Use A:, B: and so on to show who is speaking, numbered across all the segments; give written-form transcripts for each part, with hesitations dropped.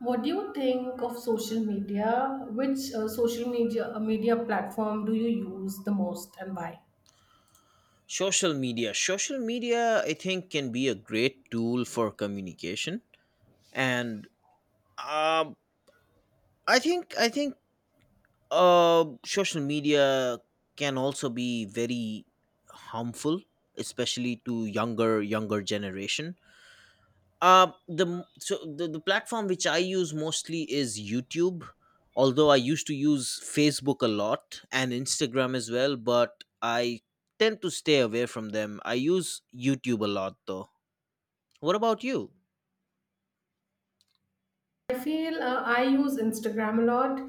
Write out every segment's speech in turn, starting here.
A: What do you think of social media? Which social media platform do you use the most and why?
B: Social media. Social media, I think, can be a great tool for communication, and um, I think social media can also be very harmful, especially to younger generation. The m- so the platform which I use mostly is YouTube. Although I used to use Facebook a lot and Instagram as well, but I tend to stay away from them. I use YouTube a lot though. What about you?
A: I feel I use Instagram a lot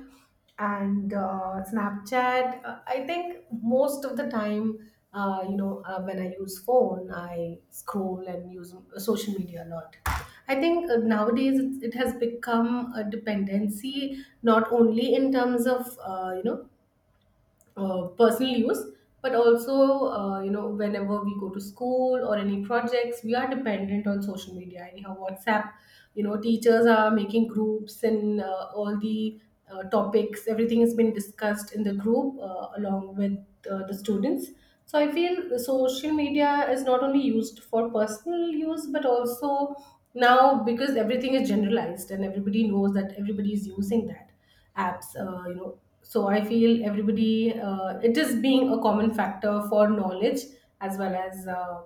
A: and Snapchat. I think most of the time, when I use phone, I scroll and use social media a lot. I think nowadays it has become a dependency, not only in terms of personal use but also you know whenever we go to school or any projects we are dependent on social media anyhow, WhatsApp, you know, teachers are making groups and all the topics, everything has been discussed in the group along with the students. So I feel the social media is not only used for personal use but also now because everything is generalized and everybody knows that everybody is using that apps. You know, so I feel everybody, it is being a common factor for knowledge as well as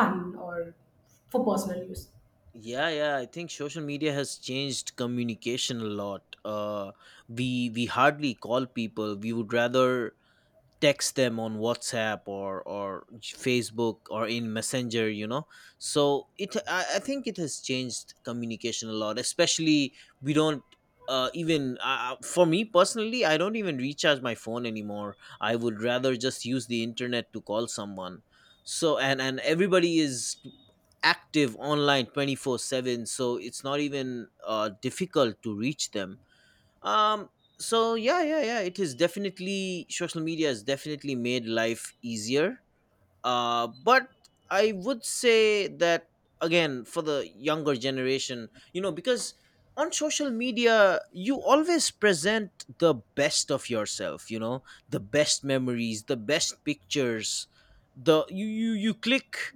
A: fun or for personal use.
B: Yeah, yeah. I think social media has changed communication a lot. We hardly call people. We would rather text them on WhatsApp or Facebook or in Messenger. You know, so it. I think it has changed communication a lot. Especially we don't. Even for me personally, I don't even recharge my phone anymore. I would rather just use the internet to call someone, so and everybody is active online 24 7, so it's not even difficult to reach them. um, so yeah, yeah, yeah, it is definitely, social media has definitely made life easier, but I would say that, again, for the younger generation, you know, because on social media you always present the best of yourself, you know, the best memories, the best pictures, the you click,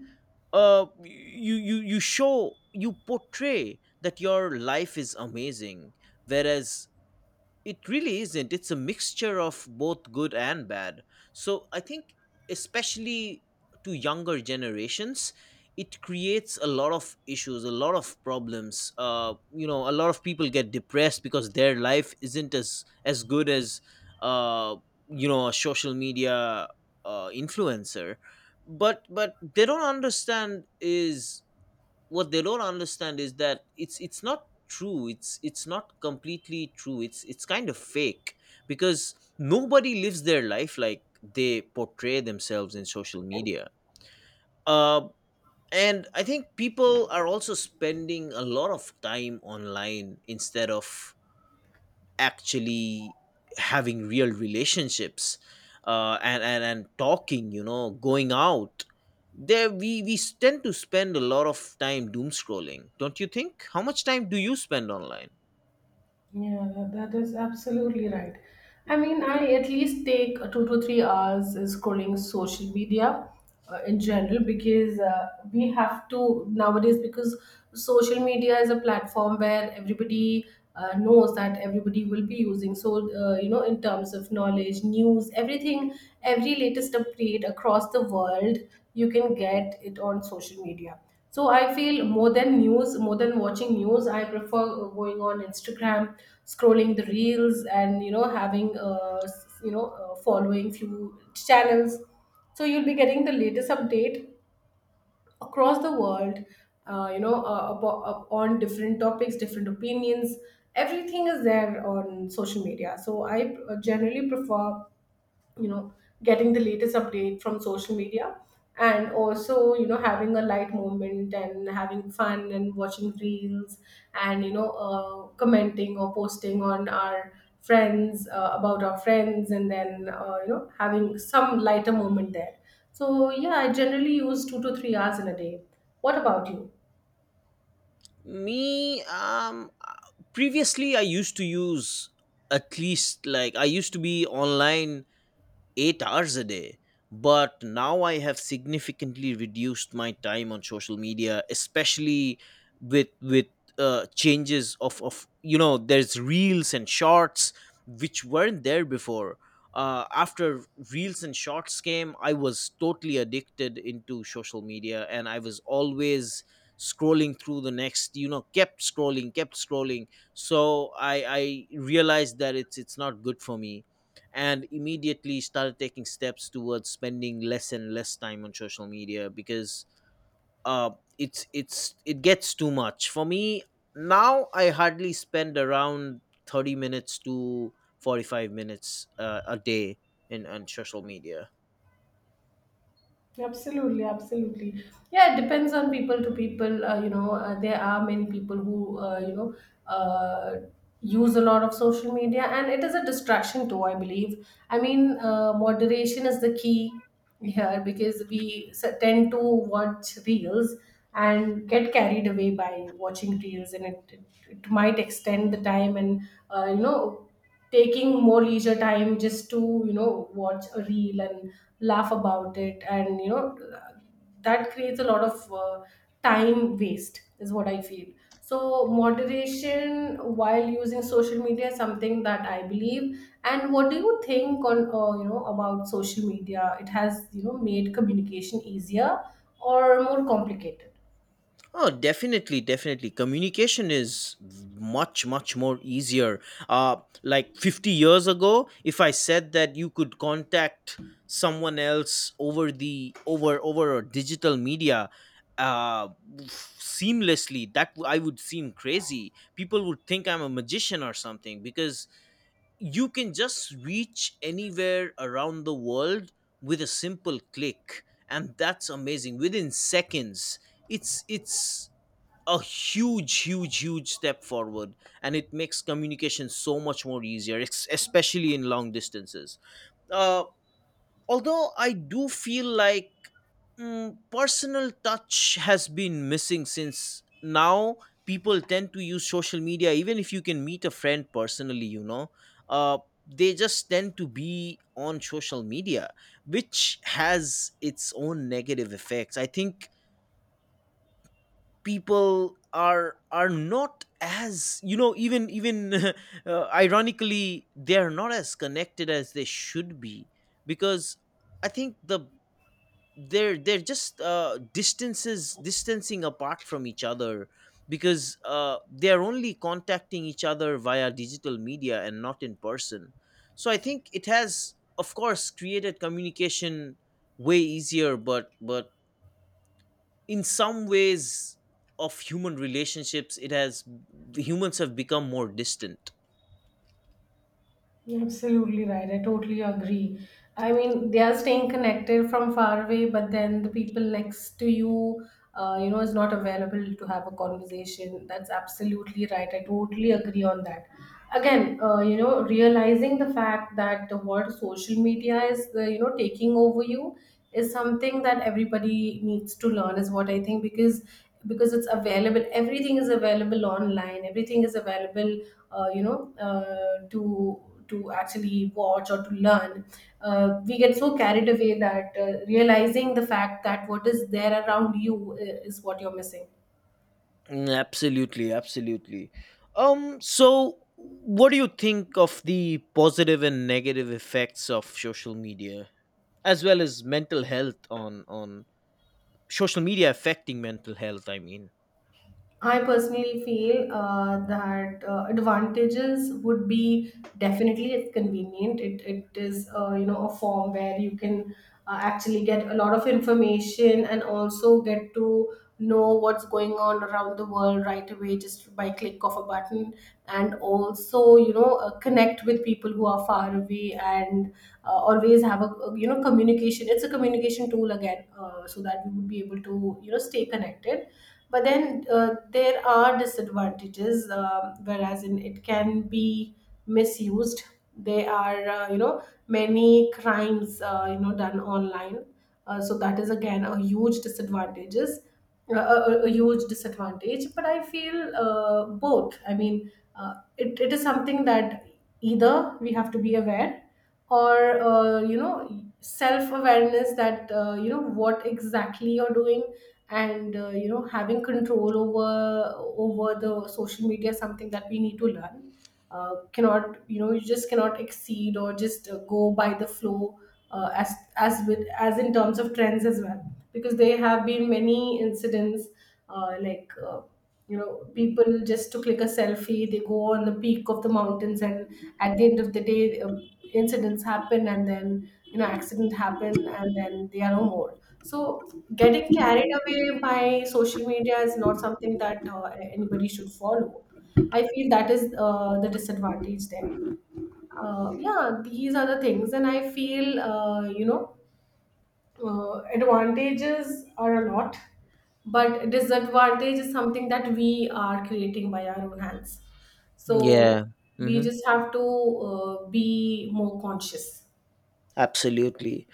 B: you show, you portray that your life is amazing, whereas it really isn't. It's a mixture of both good and bad. So I think, especially to younger generations, it creates a lot of issues, a lot of problems. A lot of people get depressed because their life isn't as good as, uh, a social media influencer. But they don't understand is what they don't understand is that it's not true, it's not completely true, it's kind of fake, because nobody lives their life like they portray themselves in social media. uh, and I think people are also spending a lot of time online instead of actually having real relationships, and talking, you know, going out there. We tend to spend a lot of time doom scrolling. Don't you think? How much time do you spend online?
A: Yeah, that is absolutely right. I mean, I at least take 2 to 3 hours scrolling social media in general because we have to nowadays because social media is a platform where everybody knows that everybody will be using. So, in terms of knowledge, news, everything, every latest update across the world, you can get it on social media. So I feel more than news, more than watching news, I prefer going on Instagram, scrolling the reels, and you know having following few channels. So you'll be getting the latest update across the world. On different topics, different opinions. Everything is there on social media. So I generally prefer, you know, getting the latest update from social media and also, you know, having a light moment and having fun and watching reels and you know commenting or posting on our friends, about our friends, and then you know having some lighter moment there. So yeah, I generally use 2 to 3 hours in a day. What about you?
B: Me? Previously I used to use, at least, like, I used to be online 8 hours a day. But now I have significantly reduced my time on social media, especially with changes of, you know, there's reels and shorts which weren't there before. After reels and shorts came, I was totally addicted into social media, and I was always scrolling through the next, you know, kept scrolling, kept scrolling. So I realized that it's not good for me, and immediately started taking steps towards spending less and less time on social media, because uh, it gets too much for me. Now I hardly spend around 30 minutes to 45 minutes a day in on social media.
A: Absolutely, absolutely. Yeah, it depends on people to people. There are many people who, uh, use a lot of social media, and it is a distraction too, I believe. I mean, moderation is the key here because we tend to watch reels and get carried away by watching reels, and it might extend the time and, uh, you know, taking more leisure time just to you know watch a reel and laugh about it and you know that creates a lot of time waste is what I feel. So moderation while using social media is something that I believe. And what do you think on you know about social media? It has, you know, made communication easier or more complicated?
B: Oh, definitely, definitely. Communication is much, much more easier. Uh, like 50 years ago, if I said that you could contact someone else over the over a digital media, uh, seamlessly, I would seem crazy. People would think I'm a magician or something, because you can just reach anywhere around the world with a simple click, and that's amazing. Within seconds, it's a huge step forward, and it makes communication so much more easier, especially in long distances. uh, Although I do feel like, personal touch has been missing, since now people tend to use social media even if you can meet a friend personally, you know, uh, they just tend to be on social media, which has its own negative effects. I think people are not, as you know, even ironically, they are not as connected as they should be, because I think the they're just distances distancing apart from each other, because they're only contacting each other via digital media and not in person. So I think it has, of course, created communication way easier, but in some ways of human relationships it has, humans have become more distant.
A: You're Absolutely right. I totally agree. I mean, they are staying connected from far away, but then the people next to you, is not available to have a conversation. That's absolutely right. I totally agree on that. Again, realizing the fact that the word social media is, taking over you is something that everybody needs to learn, is what I think, because it's available. Everything is available online. Everything is available to actually watch or to learn. We get so carried away that realizing the fact that what is there around you is what you're missing.
B: Mm, absolutely, absolutely. So what do you think of the positive and negative effects of social media, as well as mental health, on social media affecting mental health, I mean?
A: I personally feel that advantages would be definitely it's convenient. It is you know a form where you can actually get a lot of information and also get to know what's going on around the world right away just by click of a button. And also, you know, connect with people who are far away and always have a, you know, communication. It's a communication tool again, so that we would be able to, you know, stay connected. But then there are disadvantages, um, whereas in it can be misused. There are you know many crimes you know done online. So that is again a huge disadvantages, a huge disadvantage. But I feel both. I mean it, it is something that either we have to be aware or you know self awareness that you know what exactly you're doing and you know having control over the social media is something that we need to learn. Cannot, you know, you just cannot exceed or just go by the flow as with as in terms of trends as well because there have been many incidents uh, like uh, you know people just to click a selfie they go on the peak of the mountains and at the end of the day incidents happen and then you know accident happen and then they are no more. So getting carried away by social media is not something that anybody should follow. I feel that is the disadvantage there. Yeah, these are the things, and I feel advantages are a lot, but disadvantage is something that we are creating by our own hands. So
B: Yeah.
A: we
B: Hmm.
A: just have to be more conscious.
B: Absolutely.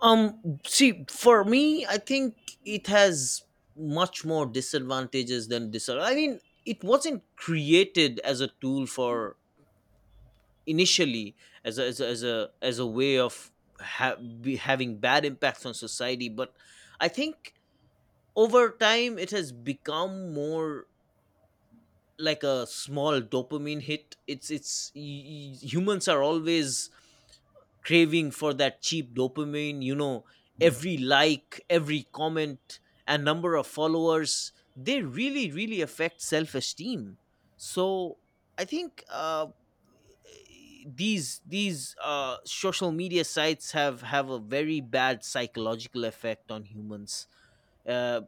B: See, for me, I think it has much more disadvantages than disadvantages, I mean. It wasn't created as a tool for, initially, as as a way of be having bad impacts on society. But I think over time it has become more like a small dopamine hit. Humans are always craving for that cheap dopamine, you know. Every, like, every comment and number of followers, they really really affect self esteem. So I think these social media sites have a very bad psychological effect on humans. Uh,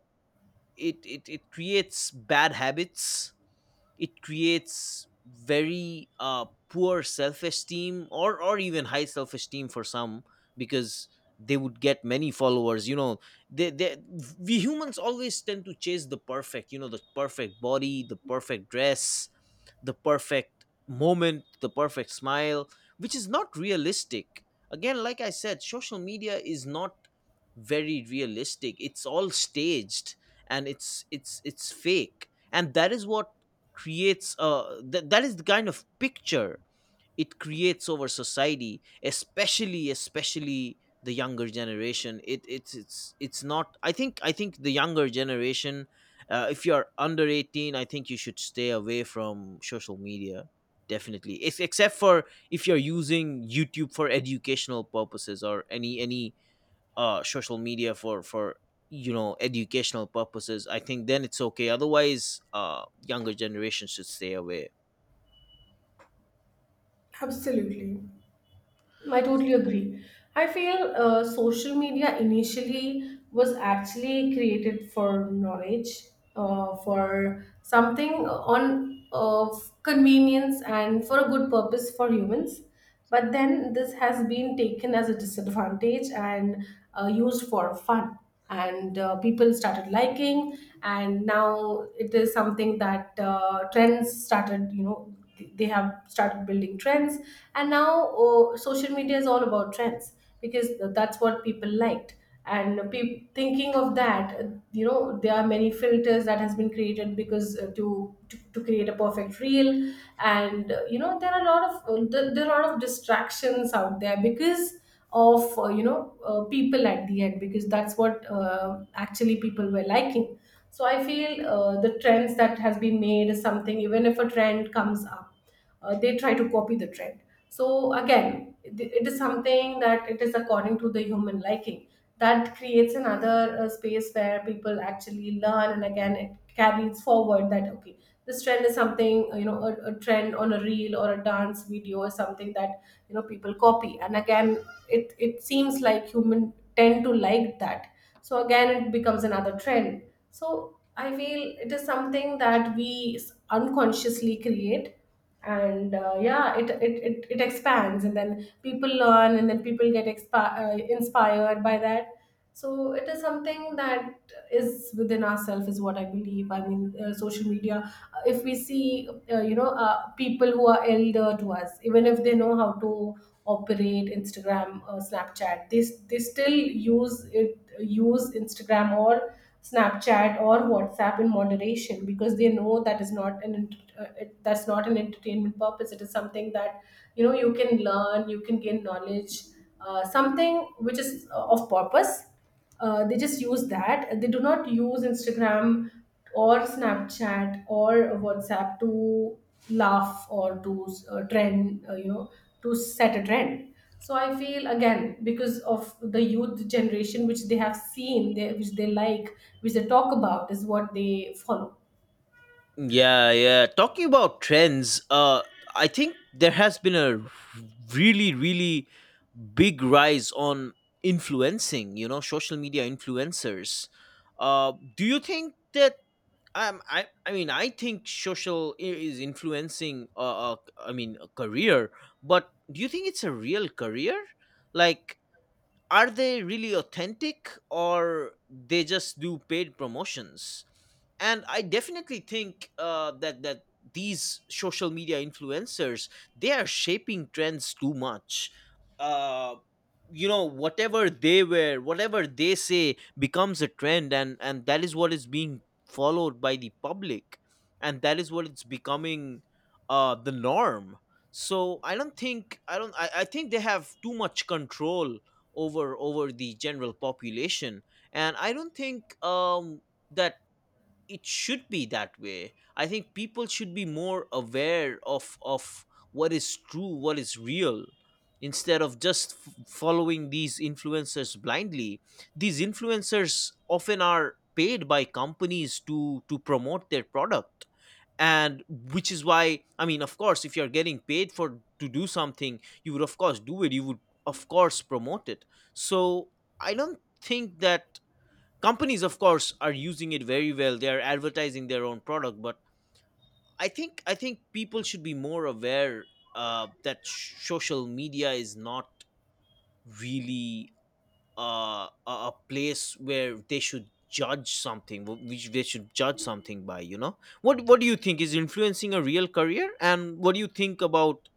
B: it creates bad habits. It creates very poor self esteem, or even high self esteem for some, because they would get many followers. You know, they, they, we humans always tend to chase the perfect. You know, the perfect body, the perfect dress, the perfect moment, the perfect smile, which is not realistic. Again, like I said, social media is not very realistic. It's all staged, and it's fake. And that is what creates that is the kind of picture it creates over society, especially the younger generation. It it's it's it's not, I think the younger generation, if you're under 18, I think you should stay away from social media, definitely. If, Except for, if you're using YouTube for educational purposes, or any social media for, you know, educational purposes, I think then it's okay. Otherwise, younger generation should stay away.
A: Absolutely. I totally agree. I feel social media initially was actually created for knowledge, for something on of convenience and for a good purpose for humans. But then this has been taken as a disadvantage and used for fun. And people started liking, and now it is something that trends started. You know, they have started building trends, and now oh, social media is all about trends because that's what people liked. And thinking of that, you know, there are many filters that has been created because to create a perfect reel. And you know there are a lot of there there are a lot of distractions out there because of people at the end because that's what actually people were liking. So I feel the trends that has been made is something. Even if a trend comes up, they try to copy the trend. So again it is something that it is according to the human liking, that creates another space where people actually learn. And again it carries forward that okay, this trend is something, you know, a trend on a reel or a dance video is something that you know people copy. And again it it seems like human tend to like that, so again it becomes another trend. So I feel it is something that we unconsciously create and yeah, it it it expands and then people learn and then people get inspired by that. So it is something that is within ourselves is what I believe. I mean social media, if we see people who are elder to us, even if they know how to operate Instagram, Snapchat, they still use Instagram or Snapchat or WhatsApp in moderation because they know that is not an that's not an entertainment purpose. It is something that, you know, you can learn, you can gain knowledge, something which is of purpose. They just use that. They do not use Instagram or Snapchat or WhatsApp to laugh or to to set a trend. So I feel again because of the youth generation which they have seen, which they like, which they talk about is what they follow.
B: Yeah, yeah. Talking about trends, I think there has been a really, really big rise on influencing. You know, social media influencers. Do you think that? I mean, I think social I- is influencing, a career. But do you think it's a real career? Like, are they really authentic, or they just do paid promotions? And I definitely think that these social media influencers, they are shaping trends too much. uh, you know, whatever they wear, whatever they say becomes a trend, and that is what is being followed by the public, and that is what it's becoming, the norm. So I don't think I don't I think they have too much control over the general population. And I don't think, that it should be that way. I think people should be more aware of what is true, what is real, instead of just following these influencers blindly. These influencers often are paid by companies to promote their product. And which is why, I mean, of course, if you're getting paid for to do something, you would, of course, do it, you would, of course, promote it. So I don't think that companies, of course, are using it very well, they are advertising their own product. But I think people should be more aware, that social media is not really, uh, a place where they should judge something, which they should judge something by, you know. What do you think, is influencing a real career? And what do you think about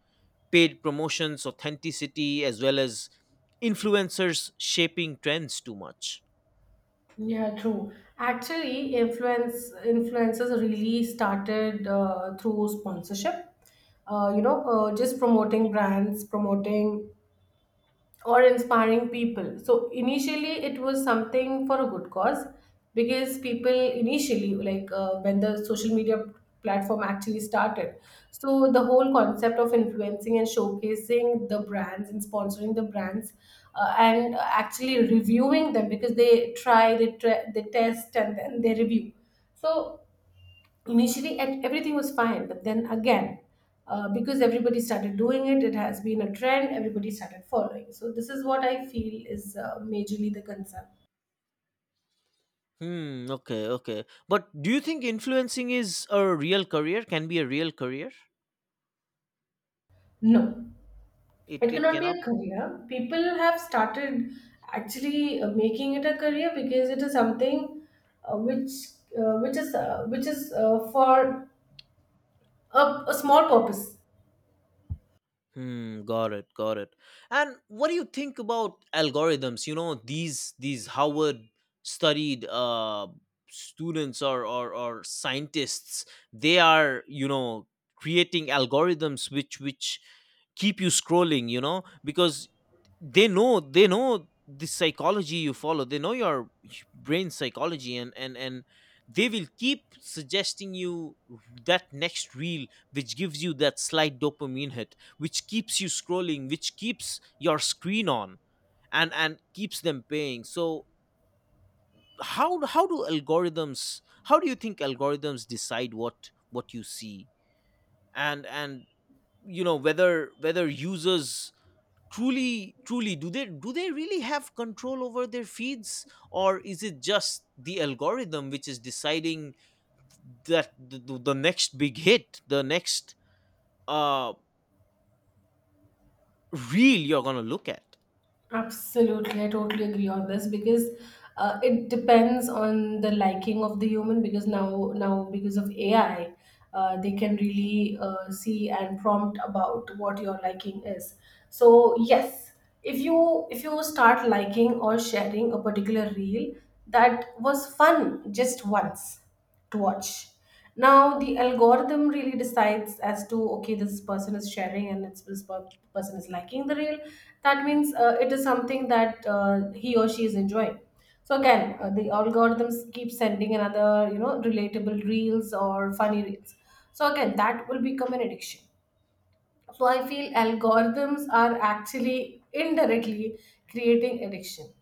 B: paid promotions, authenticity, as well as influencers shaping trends too much?
A: Yeah, true. Actually, influencers really started through sponsorship. Just promoting brands, promoting or inspiring people. So initially, it was something for a good cause because people initially, like when the social media platform actually started, so the whole concept of influencing and showcasing the brands and sponsoring the brands, and actually reviewing them because they try, they test, and then they review. So initially and everything was fine, but then again because everybody started doing it, it has been a trend everybody started following. So this is what I feel is majorly the concern.
B: Hmm, okay, okay. But do you think influencing is a real career? Can be a real career?
A: No, it
B: It
A: cannot be
B: cannot
A: a
B: be.
A: career. People have started actually making it a career because it is something uh, which which is for a, a small purpose.
B: Hmm, got it, got it. And what do you think about algorithms? You know, these Howard studied students, or or scientists, they are, you know, creating algorithms which keep you scrolling, you know, because they know the psychology you follow, they know your brain psychology, and and they will keep suggesting you that next reel, which gives you that slight dopamine hit, which keeps you scrolling, which keeps your screen on, and keeps them paying. So how do algorithms, how do you think algorithms decide what you see, and you know, whether whether users truly do they really have control over their feeds, or is it just the algorithm which is deciding that the next big hit, the next uh reel you're gonna look at?
A: Absolutely, I totally agree on this because it depends on the liking of the human. Because now because of AI, they can really see and prompt about what your liking is. So yes, if you start liking or sharing a particular reel that was fun just once to watch. Now the algorithm really decides as to, okay, this person is sharing and person is liking the reel. That means it is something that he or she is enjoying. So again, the algorithms keep sending another relatable reels or funny reels. So again, that will become an addiction. So I feel algorithms are actually indirectly creating addiction.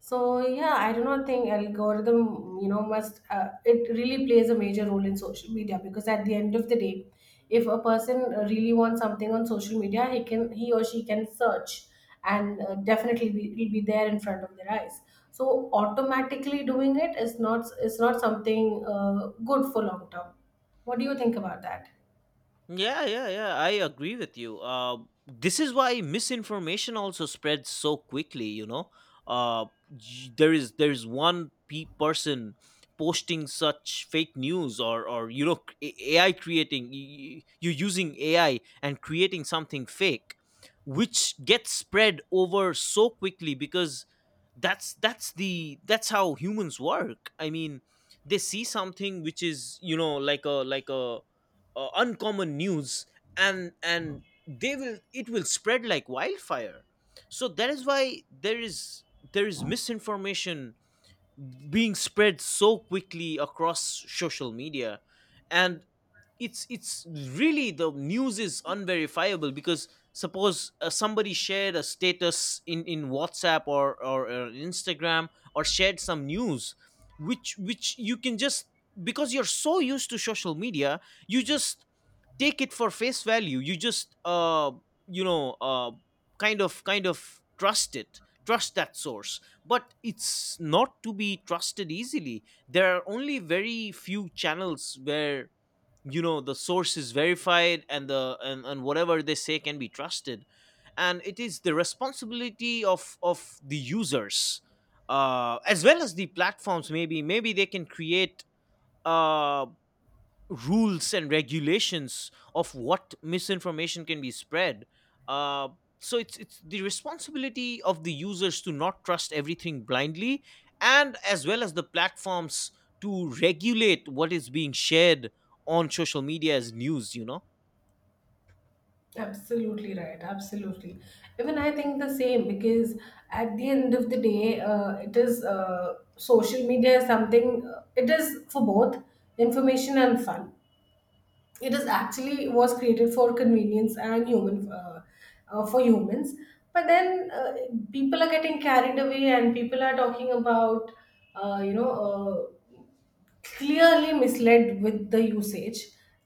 A: So yeah, I do not think algorithm, you know, must it really plays a major role in social media, because at the end of the day, if a person really wants something on social media, he or she can search, and definitely it'll be there in front of their eyes. So automatically doing it is not something good for long term. What do you think about that?
B: Yeah, yeah, yeah. I agree with you. This is why misinformation also spreads so quickly. You know, uh, y- there is one pe- person posting such fake news or you know AI creating you're using AI and creating something fake, which gets spread over so quickly because that's how humans work. I mean, they see something which is you know like a like a uncommon news and they will it will spread like wildfire, so that is why there is misinformation being spread so quickly across social media. And it's really, the news is unverifiable because suppose somebody shared a status in whatsapp or instagram, or shared some news which you can just, because you're so used to social media, you just take it for face value. You just you know uh kind of trust it, trust that source, but it's not to be trusted easily. There are only very few channels where, you know, the source is verified and whatever they say can be trusted. And it is the responsibility of the users, uh, as well as the platforms. Maybe they can create uh rules and regulations of what misinformation can be spread. Uh, so it's the responsibility of the users to not trust everything blindly, and as well as the platforms, to regulate what is being shared on social media as news, you know.
A: Absolutely right. Absolutely. Even I think the same, because at the end of the day, it is social media is something, it is for both information and fun. It is actually was created for convenience and human for humans. But then people are getting carried away, and people are talking about, uh, you know, uh, clearly misled with the usage,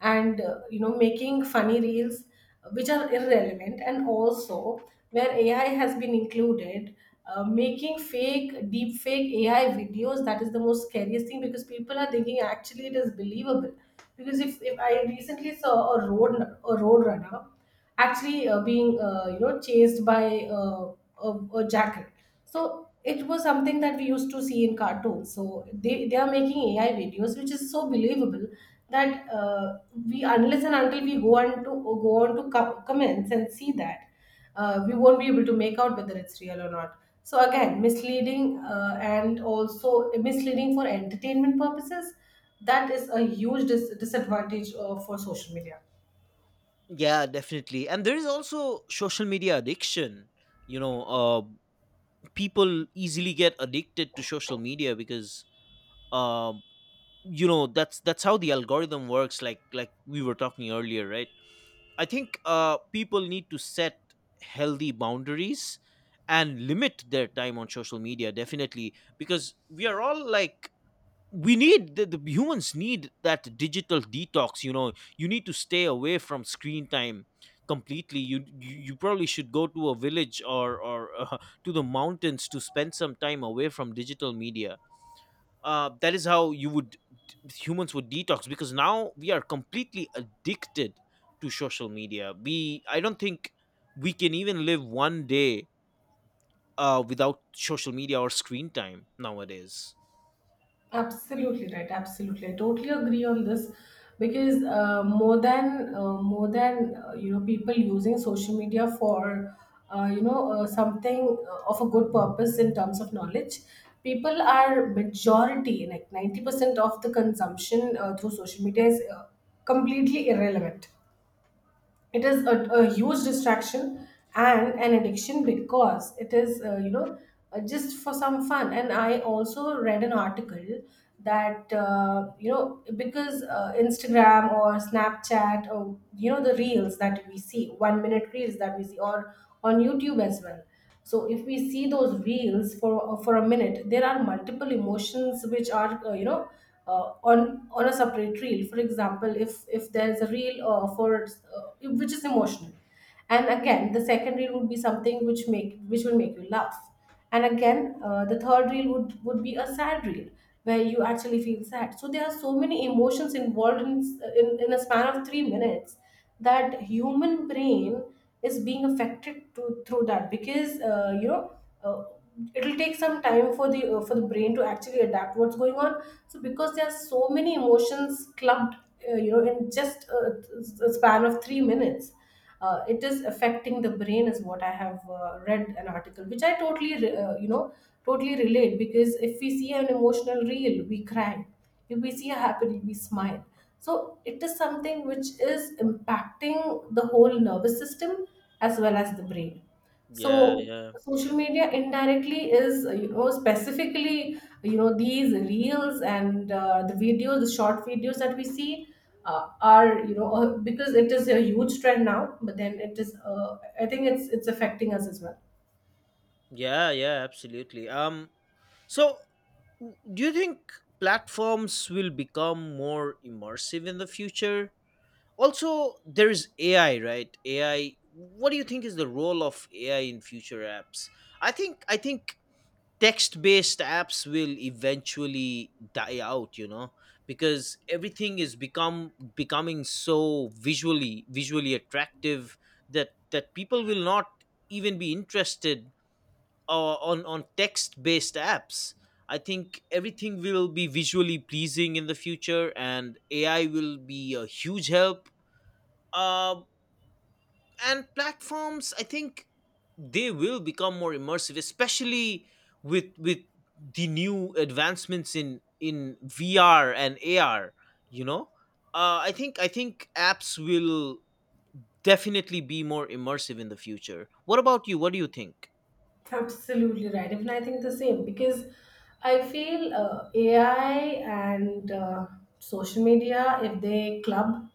A: and making funny reels, which are irrelevant, and also where AI has been included, making fake deep fake AI videos. That is the most scariest thing, because people are thinking actually it is believable. Because if I recently saw a road runner actually being chased by uh, a, a jacket. So it was something that we used to see in cartoons. So they are making AI videos which is so believable, that we, unless and until we go on to comments and see that, we won't be able to make out whether it's real or not. So again, misleading, and also misleading for entertainment purposes. That is a huge disadvantage for social media.
B: Yeah, definitely. And there is also social media addiction. You know, people easily get addicted to social media because um you know that's how the algorithm works, like we were talking earlier, right? I think people need to set healthy boundaries and limit their time on social media, definitely, because we are all like, we need the humans need that digital detox. You know, you need to stay away from screen time completely. You probably should go to a village or to the mountains to spend some time away from digital media. That is how you would, humans would detox, because now we are completely addicted to social media. We, I don't think we can even live one day without social media or screen time nowadays.
A: Absolutely right. Absolutely, I totally agree on this, because more than people using social media for something of a good purpose in terms of knowledge, people are majority like 90% of the consumption through social media is completely irrelevant. It is a huge distraction and an addiction, because it is just for some fun. And I also read an article that because Instagram or Snapchat, or the reels that we see, 1 minute reels that we see, or on YouTube as well. So if we see those reels for a minute, there are multiple emotions which are, uh, on a separate reel. For example, if there's a reel for which is emotional, and again the second reel would be something which make which will make you laugh, and again, the third reel would be a sad reel where you actually feel sad. So there are so many emotions involved in a span of 3 minutes, that human brain is being affected through that, because uh, it'll take some time for the brain to actually adapt what's going on. So because there are so many emotions clubbed, in just a span of 3 minutes, it is affecting the brain is what I have read. An article which I totally totally relate, because if we see an emotional reel, we cry. If we see a happy, we smile. So it is something which is impacting the whole nervous system as well as the brain.
B: yeah
A: So
B: yeah
A: social media indirectly is, specifically, these reels and the videos, the short videos that we see are, because it is a huge trend now, but then I think it's affecting us as well.
B: yeah yeah Absolutely. So do you think platforms will become more immersive in the future? Also, there's AI, right? AI, what do you think is the role of AI in future apps? I think text based apps will eventually die out, you know, because everything is become becoming so visually attractive that people will not even be interested on text based apps. I think everything will be visually pleasing in the future, and AI will be a huge help. Uh, and platforms, I think they will become more immersive, especially with the new advancements in VR and AR, you know. I think apps will definitely be more immersive in the future. What about you, what do you think?
A: Absolutely right. Even I think the same, because I feel AI and social media, if they club,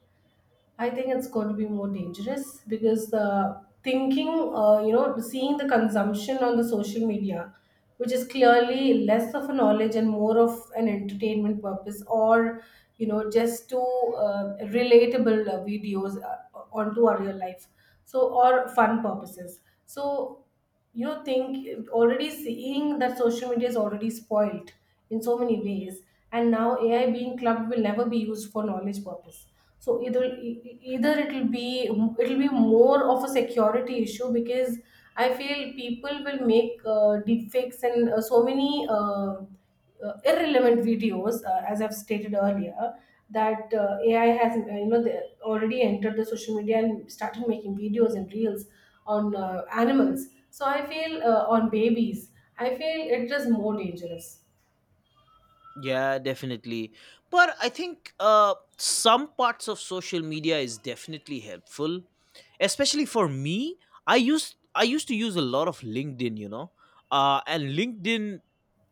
A: I think it's going to be more dangerous, because the thinking, seeing the consumption on the social media, which is clearly less of a knowledge and more of an entertainment purpose, or just to relatable videos onto our real life, so or fun purposes. So think, already seeing that social media is already spoiled in so many ways, and now AI being clubbed will never be used for knowledge purpose. So either it'll be more of a security issue, because I feel people will make deep fakes and so many irrelevant videos, as I've stated earlier, that AI has they already entered the social media and started making videos and reels on animals. So I feel on babies, I feel it is more dangerous.
B: Yeah, definitely. But I think some parts of social media is definitely helpful, especially for me. I used to use a lot of LinkedIn, you know, and LinkedIn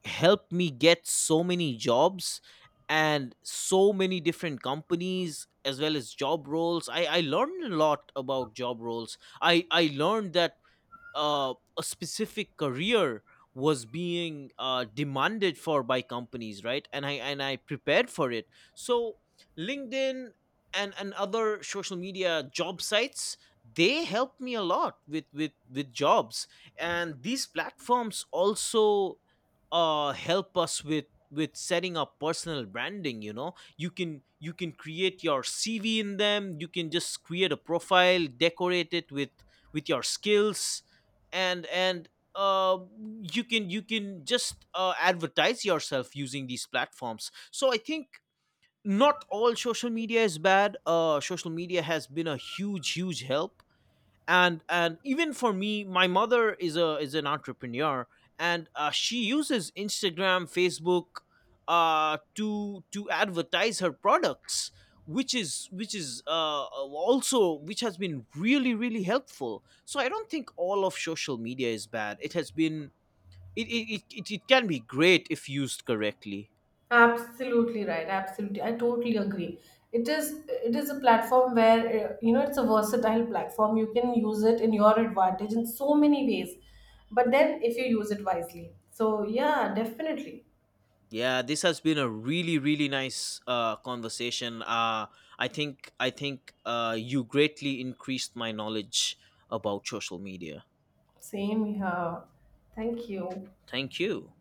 B: helped me get so many jobs and so many different companies, as well as job roles. I learned a lot about job roles. I learned that a specific career was being demanded for by companies, right? And I prepared for it. So LinkedIn and other social media job sites, they helped me a lot with with jobs. And these platforms also help us with setting up personal branding. You know, you can create your CV in them. You can just create a profile, decorate it with your skills, and uh, you can, you can just advertise yourself using these platforms. So I think not all social media is bad. Social media has been a huge help, and even for me, my mother is a is an entrepreneur, and she uses instagram, facebook, to advertise her products, which is also which has been really helpful. So I don't think all of social media is bad. It has been, it can be great if used correctly.
A: Absolutely right. Absolutely, I totally agree. It is a platform where, it's a versatile platform. You can use it in your advantage in so many ways, but then if you use it wisely. So yeah, definitely.
B: Yeah, this has been a really nice conversation. I think you greatly increased my knowledge about social media.
A: Same here. Thank you.
B: Thank you.